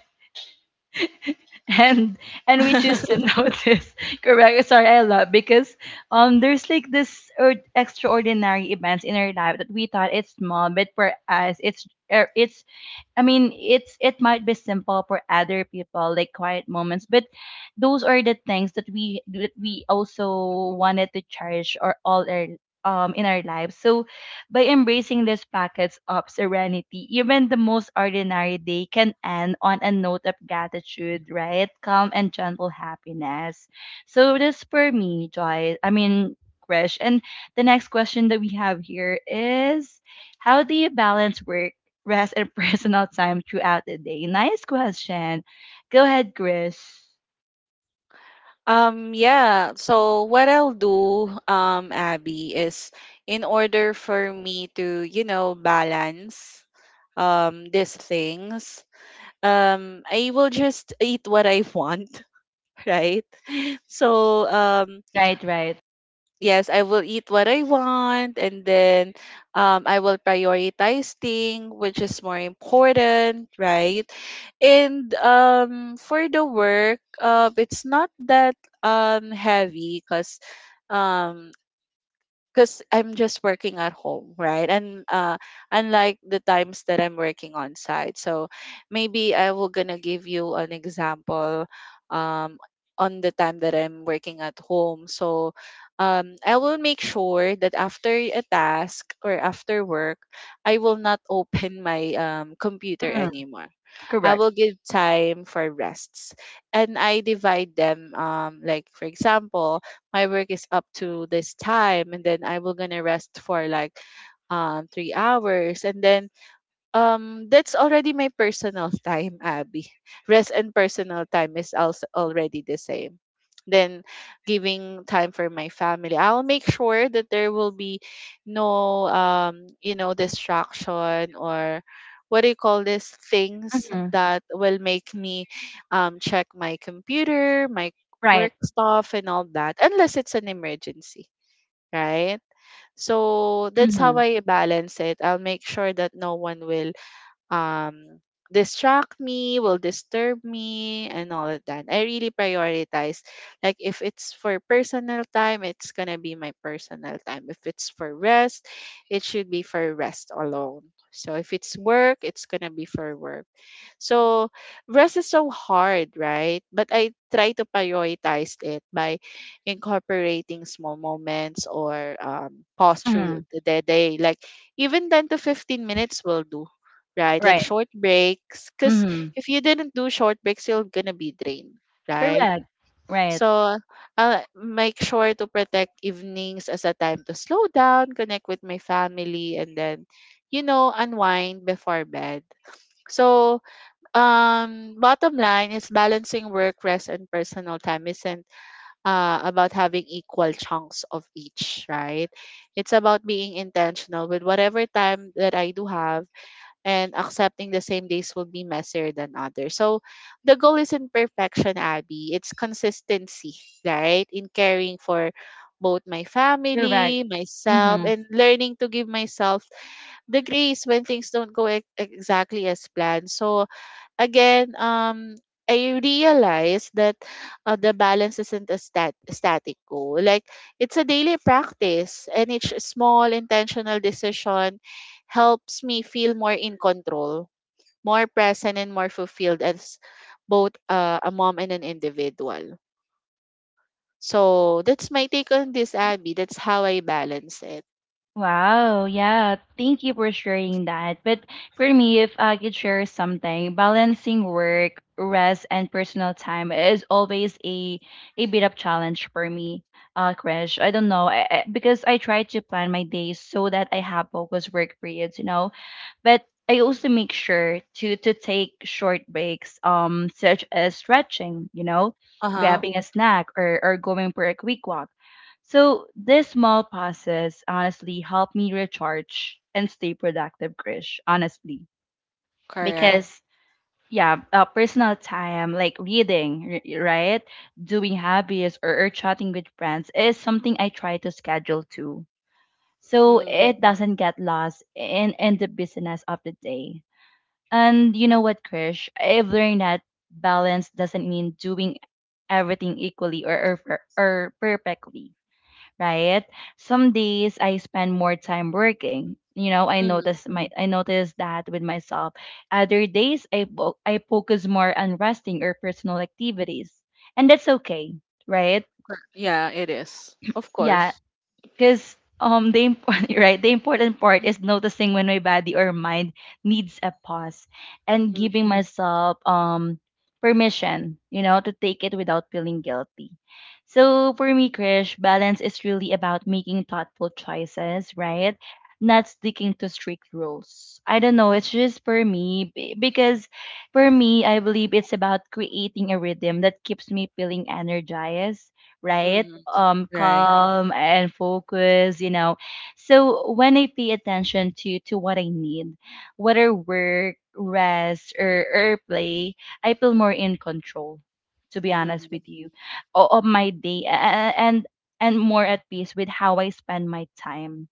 and and we choose to notice, correct, sorry, I love because there's like this or extraordinary events in our life that we thought it's small, but for us it's, it's, I mean, it might be simple for other people, like quiet moments, but those are the things that we also wanted to cherish, or all our in our lives. So by embracing these packets of serenity, even the most ordinary day can end on a note of gratitude, right, calm and gentle happiness. So this for me, joy, I mean, Krish. And the next question that we have here is, how do you balance work, rest, and personal time throughout the day? Nice question. Go ahead, Chris. Yeah. So what I'll do, Abby, is in order for me to, you know, balance these things, I will just eat what I want. Right? So, Right, right. yes, I will eat what I want and then I will prioritize thing which is more important, right? And for the work, it's not that heavy because I'm just working at home, right? And unlike the times that I'm working on site. So maybe I will gonna give you an example um, on the time that I'm working at home. So I will make sure that after a task or after work, I will not open my computer Hmm. anymore. I Correct. will give time for rests. And I divide them like for example, my work is up to this time and then I will gonna rest for like 3 hours and then that's already my personal time, Abby. Rest and personal time is also already the same. Then giving time for my family, I'll make sure that there will be no you know distraction or what do you call this things Hmm. that will make me check my computer, my Right. work stuff and all that, unless it's an emergency, right? So that's how Hmm. I balance it. I'll make sure that no one will um distract me, will disturb me, and all of that. I really prioritize. Like if it's for personal time, it's gonna be my personal time. If it's for rest, it should be for rest alone. So if it's work, it's gonna be for work. So rest is so hard, right? But I try to prioritize it by incorporating small moments or pause Hmm. through the day. Like even 10 to 15 minutes will do, right? Like Right. short breaks, because Hmm. if you didn't do short breaks, you're gonna be drained, right? Correct. Right. So make sure to protect evenings as a time to slow down, connect with my family, and then, you know, unwind before bed. So, bottom line is balancing work, rest, and personal time isn't about having equal chunks of each, right? It's about being intentional with whatever time that I do have and accepting the same days will be messier than others. So the goal isn't perfection, Abby. It's consistency, right? In caring for both my Correct. family, myself, Hmm. and learning to give myself the grace when things don't go exactly as planned. So again, I realized that the balance isn't a static goal. Like it's a daily practice, and each small intentional decision helps me feel more in control, more present, and more fulfilled as both a mom and an individual. So that's my take on this, Abby. That's how I balance it. Wow, yeah, thank you for sharing that. But for me, if I could share something, balancing work, rest, and personal time is always a bit of challenge for me, Krish. I don't know, I, because I try to plan my days so that I have focused work periods, you know, but I also make sure to take short breaks, such as stretching, Uh-huh. grabbing a snack or going for a quick walk. So these small pauses honestly help me recharge and stay productive, Krish, honestly. Correct. Because yeah, personal time like reading, right, doing hobbies, or chatting with friends, is something I try to schedule too, so Mm, it doesn't get lost in the business of the day. And you know what, Krish? I've learned that balance doesn't mean doing everything equally or perfectly, right? Some days I spend more time working. Mhm. I notice that with myself. Other days I focus more on resting or personal activities, and that's okay, right? Yeah. Yes, of Yeah, course. because the important right, the important part is noticing when my body or mind needs a pause, and Mm, giving myself permission, to take it without feeling guilty. So for me, Krish, balance is really about making thoughtful choices, right, not sticking to strict rules. I don't know, it's just for me, because for me I believe it's about creating a rhythm that keeps me feeling energized, right, mhm. Right. calm and focused. So when I pay attention to what I need, whether work, rest, or play, I feel more in control, to be honest Mm-hmm. with you, of my day, and more at peace with how I spend my time,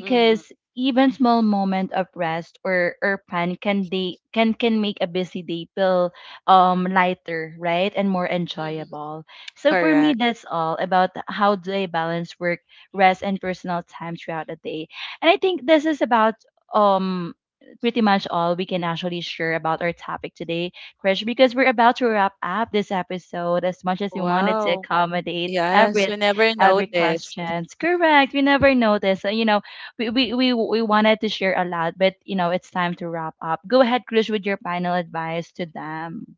Mm-hmm. even small moment of rest or fun can they can make a busy day feel lighter, right, and more enjoyable. So for me, Correct. that's all about how do I balance work, rest, and personal time throughout the day. And I think this is about um pretty much all we can actually share about our topic today, Krish, because we're about to wrap up this episode, as much as we wanted to Wow. accommodate Yes, every we never noticed. questions, correct, we never notice. We wanted to share a lot, but it's time to wrap up. Go ahead, Krish, with your final advice to them.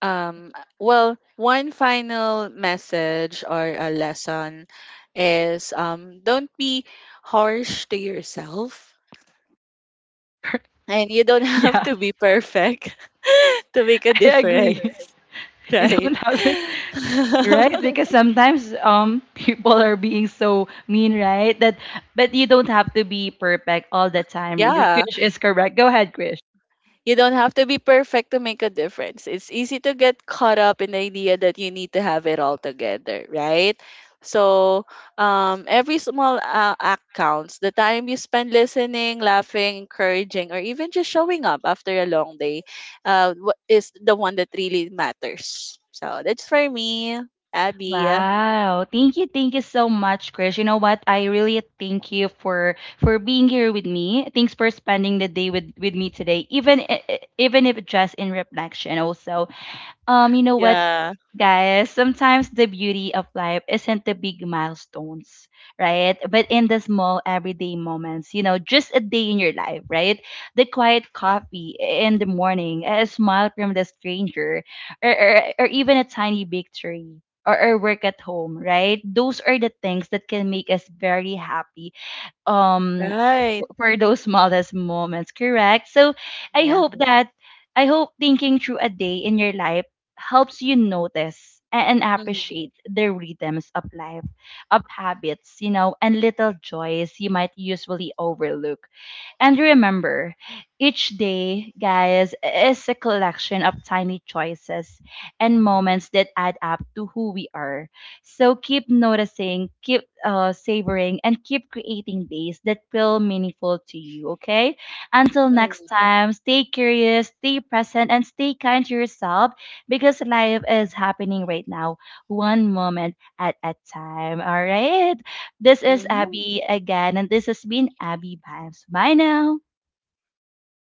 Well, one final message or a lesson is don't be harsh to yourself, and you don't have Yeah, to be perfect to make a I agree. difference, You right? don't have to, right? Because sometimes people are being so mean, right? That, but you don't have to be perfect all the time. Yeah. Krish is correct. Go ahead, Krish. You don't have to be perfect to make a difference. It's easy to get caught up in the idea that you need to have it all together, right? So, every small act counts. The time you spend listening, laughing, encouraging, or even just showing up after a long day is the one that really matters. So, that's for me, Abby. Wow. Thank you. Thank you so much, Chris. You know what? I really thank you for being here with me. Thanks for spending the day with me today, even even if just in reflection also. You know what, Yeah, guys? Sometimes the beauty of life isn't the big milestones, right? But in the small everyday moments, just a day in your life, right? The quiet coffee in the morning, a smile from the stranger, or even a tiny victory. Or work at home, right? Those are the things that can make us very happy. Um, right. for those smallest moments, correct? So I Yeah. hope that I hope thinking through a day in your life helps you notice, and Mm-hmm. appreciate the rhythms of life, of habits, and little joys you might usually overlook. And remember, each day, guys, is a collection of tiny choices and moments that add up to who we are. So keep noticing, keep, savoring, and keep creating days that feel meaningful to you, okay? Until next time, stay curious, stay present, and stay kind to yourself, because life is happening right now, one moment at a time, all right? This is Mm-hmm. Abby again, and this has been Abby Vibes. Bye now. Bye.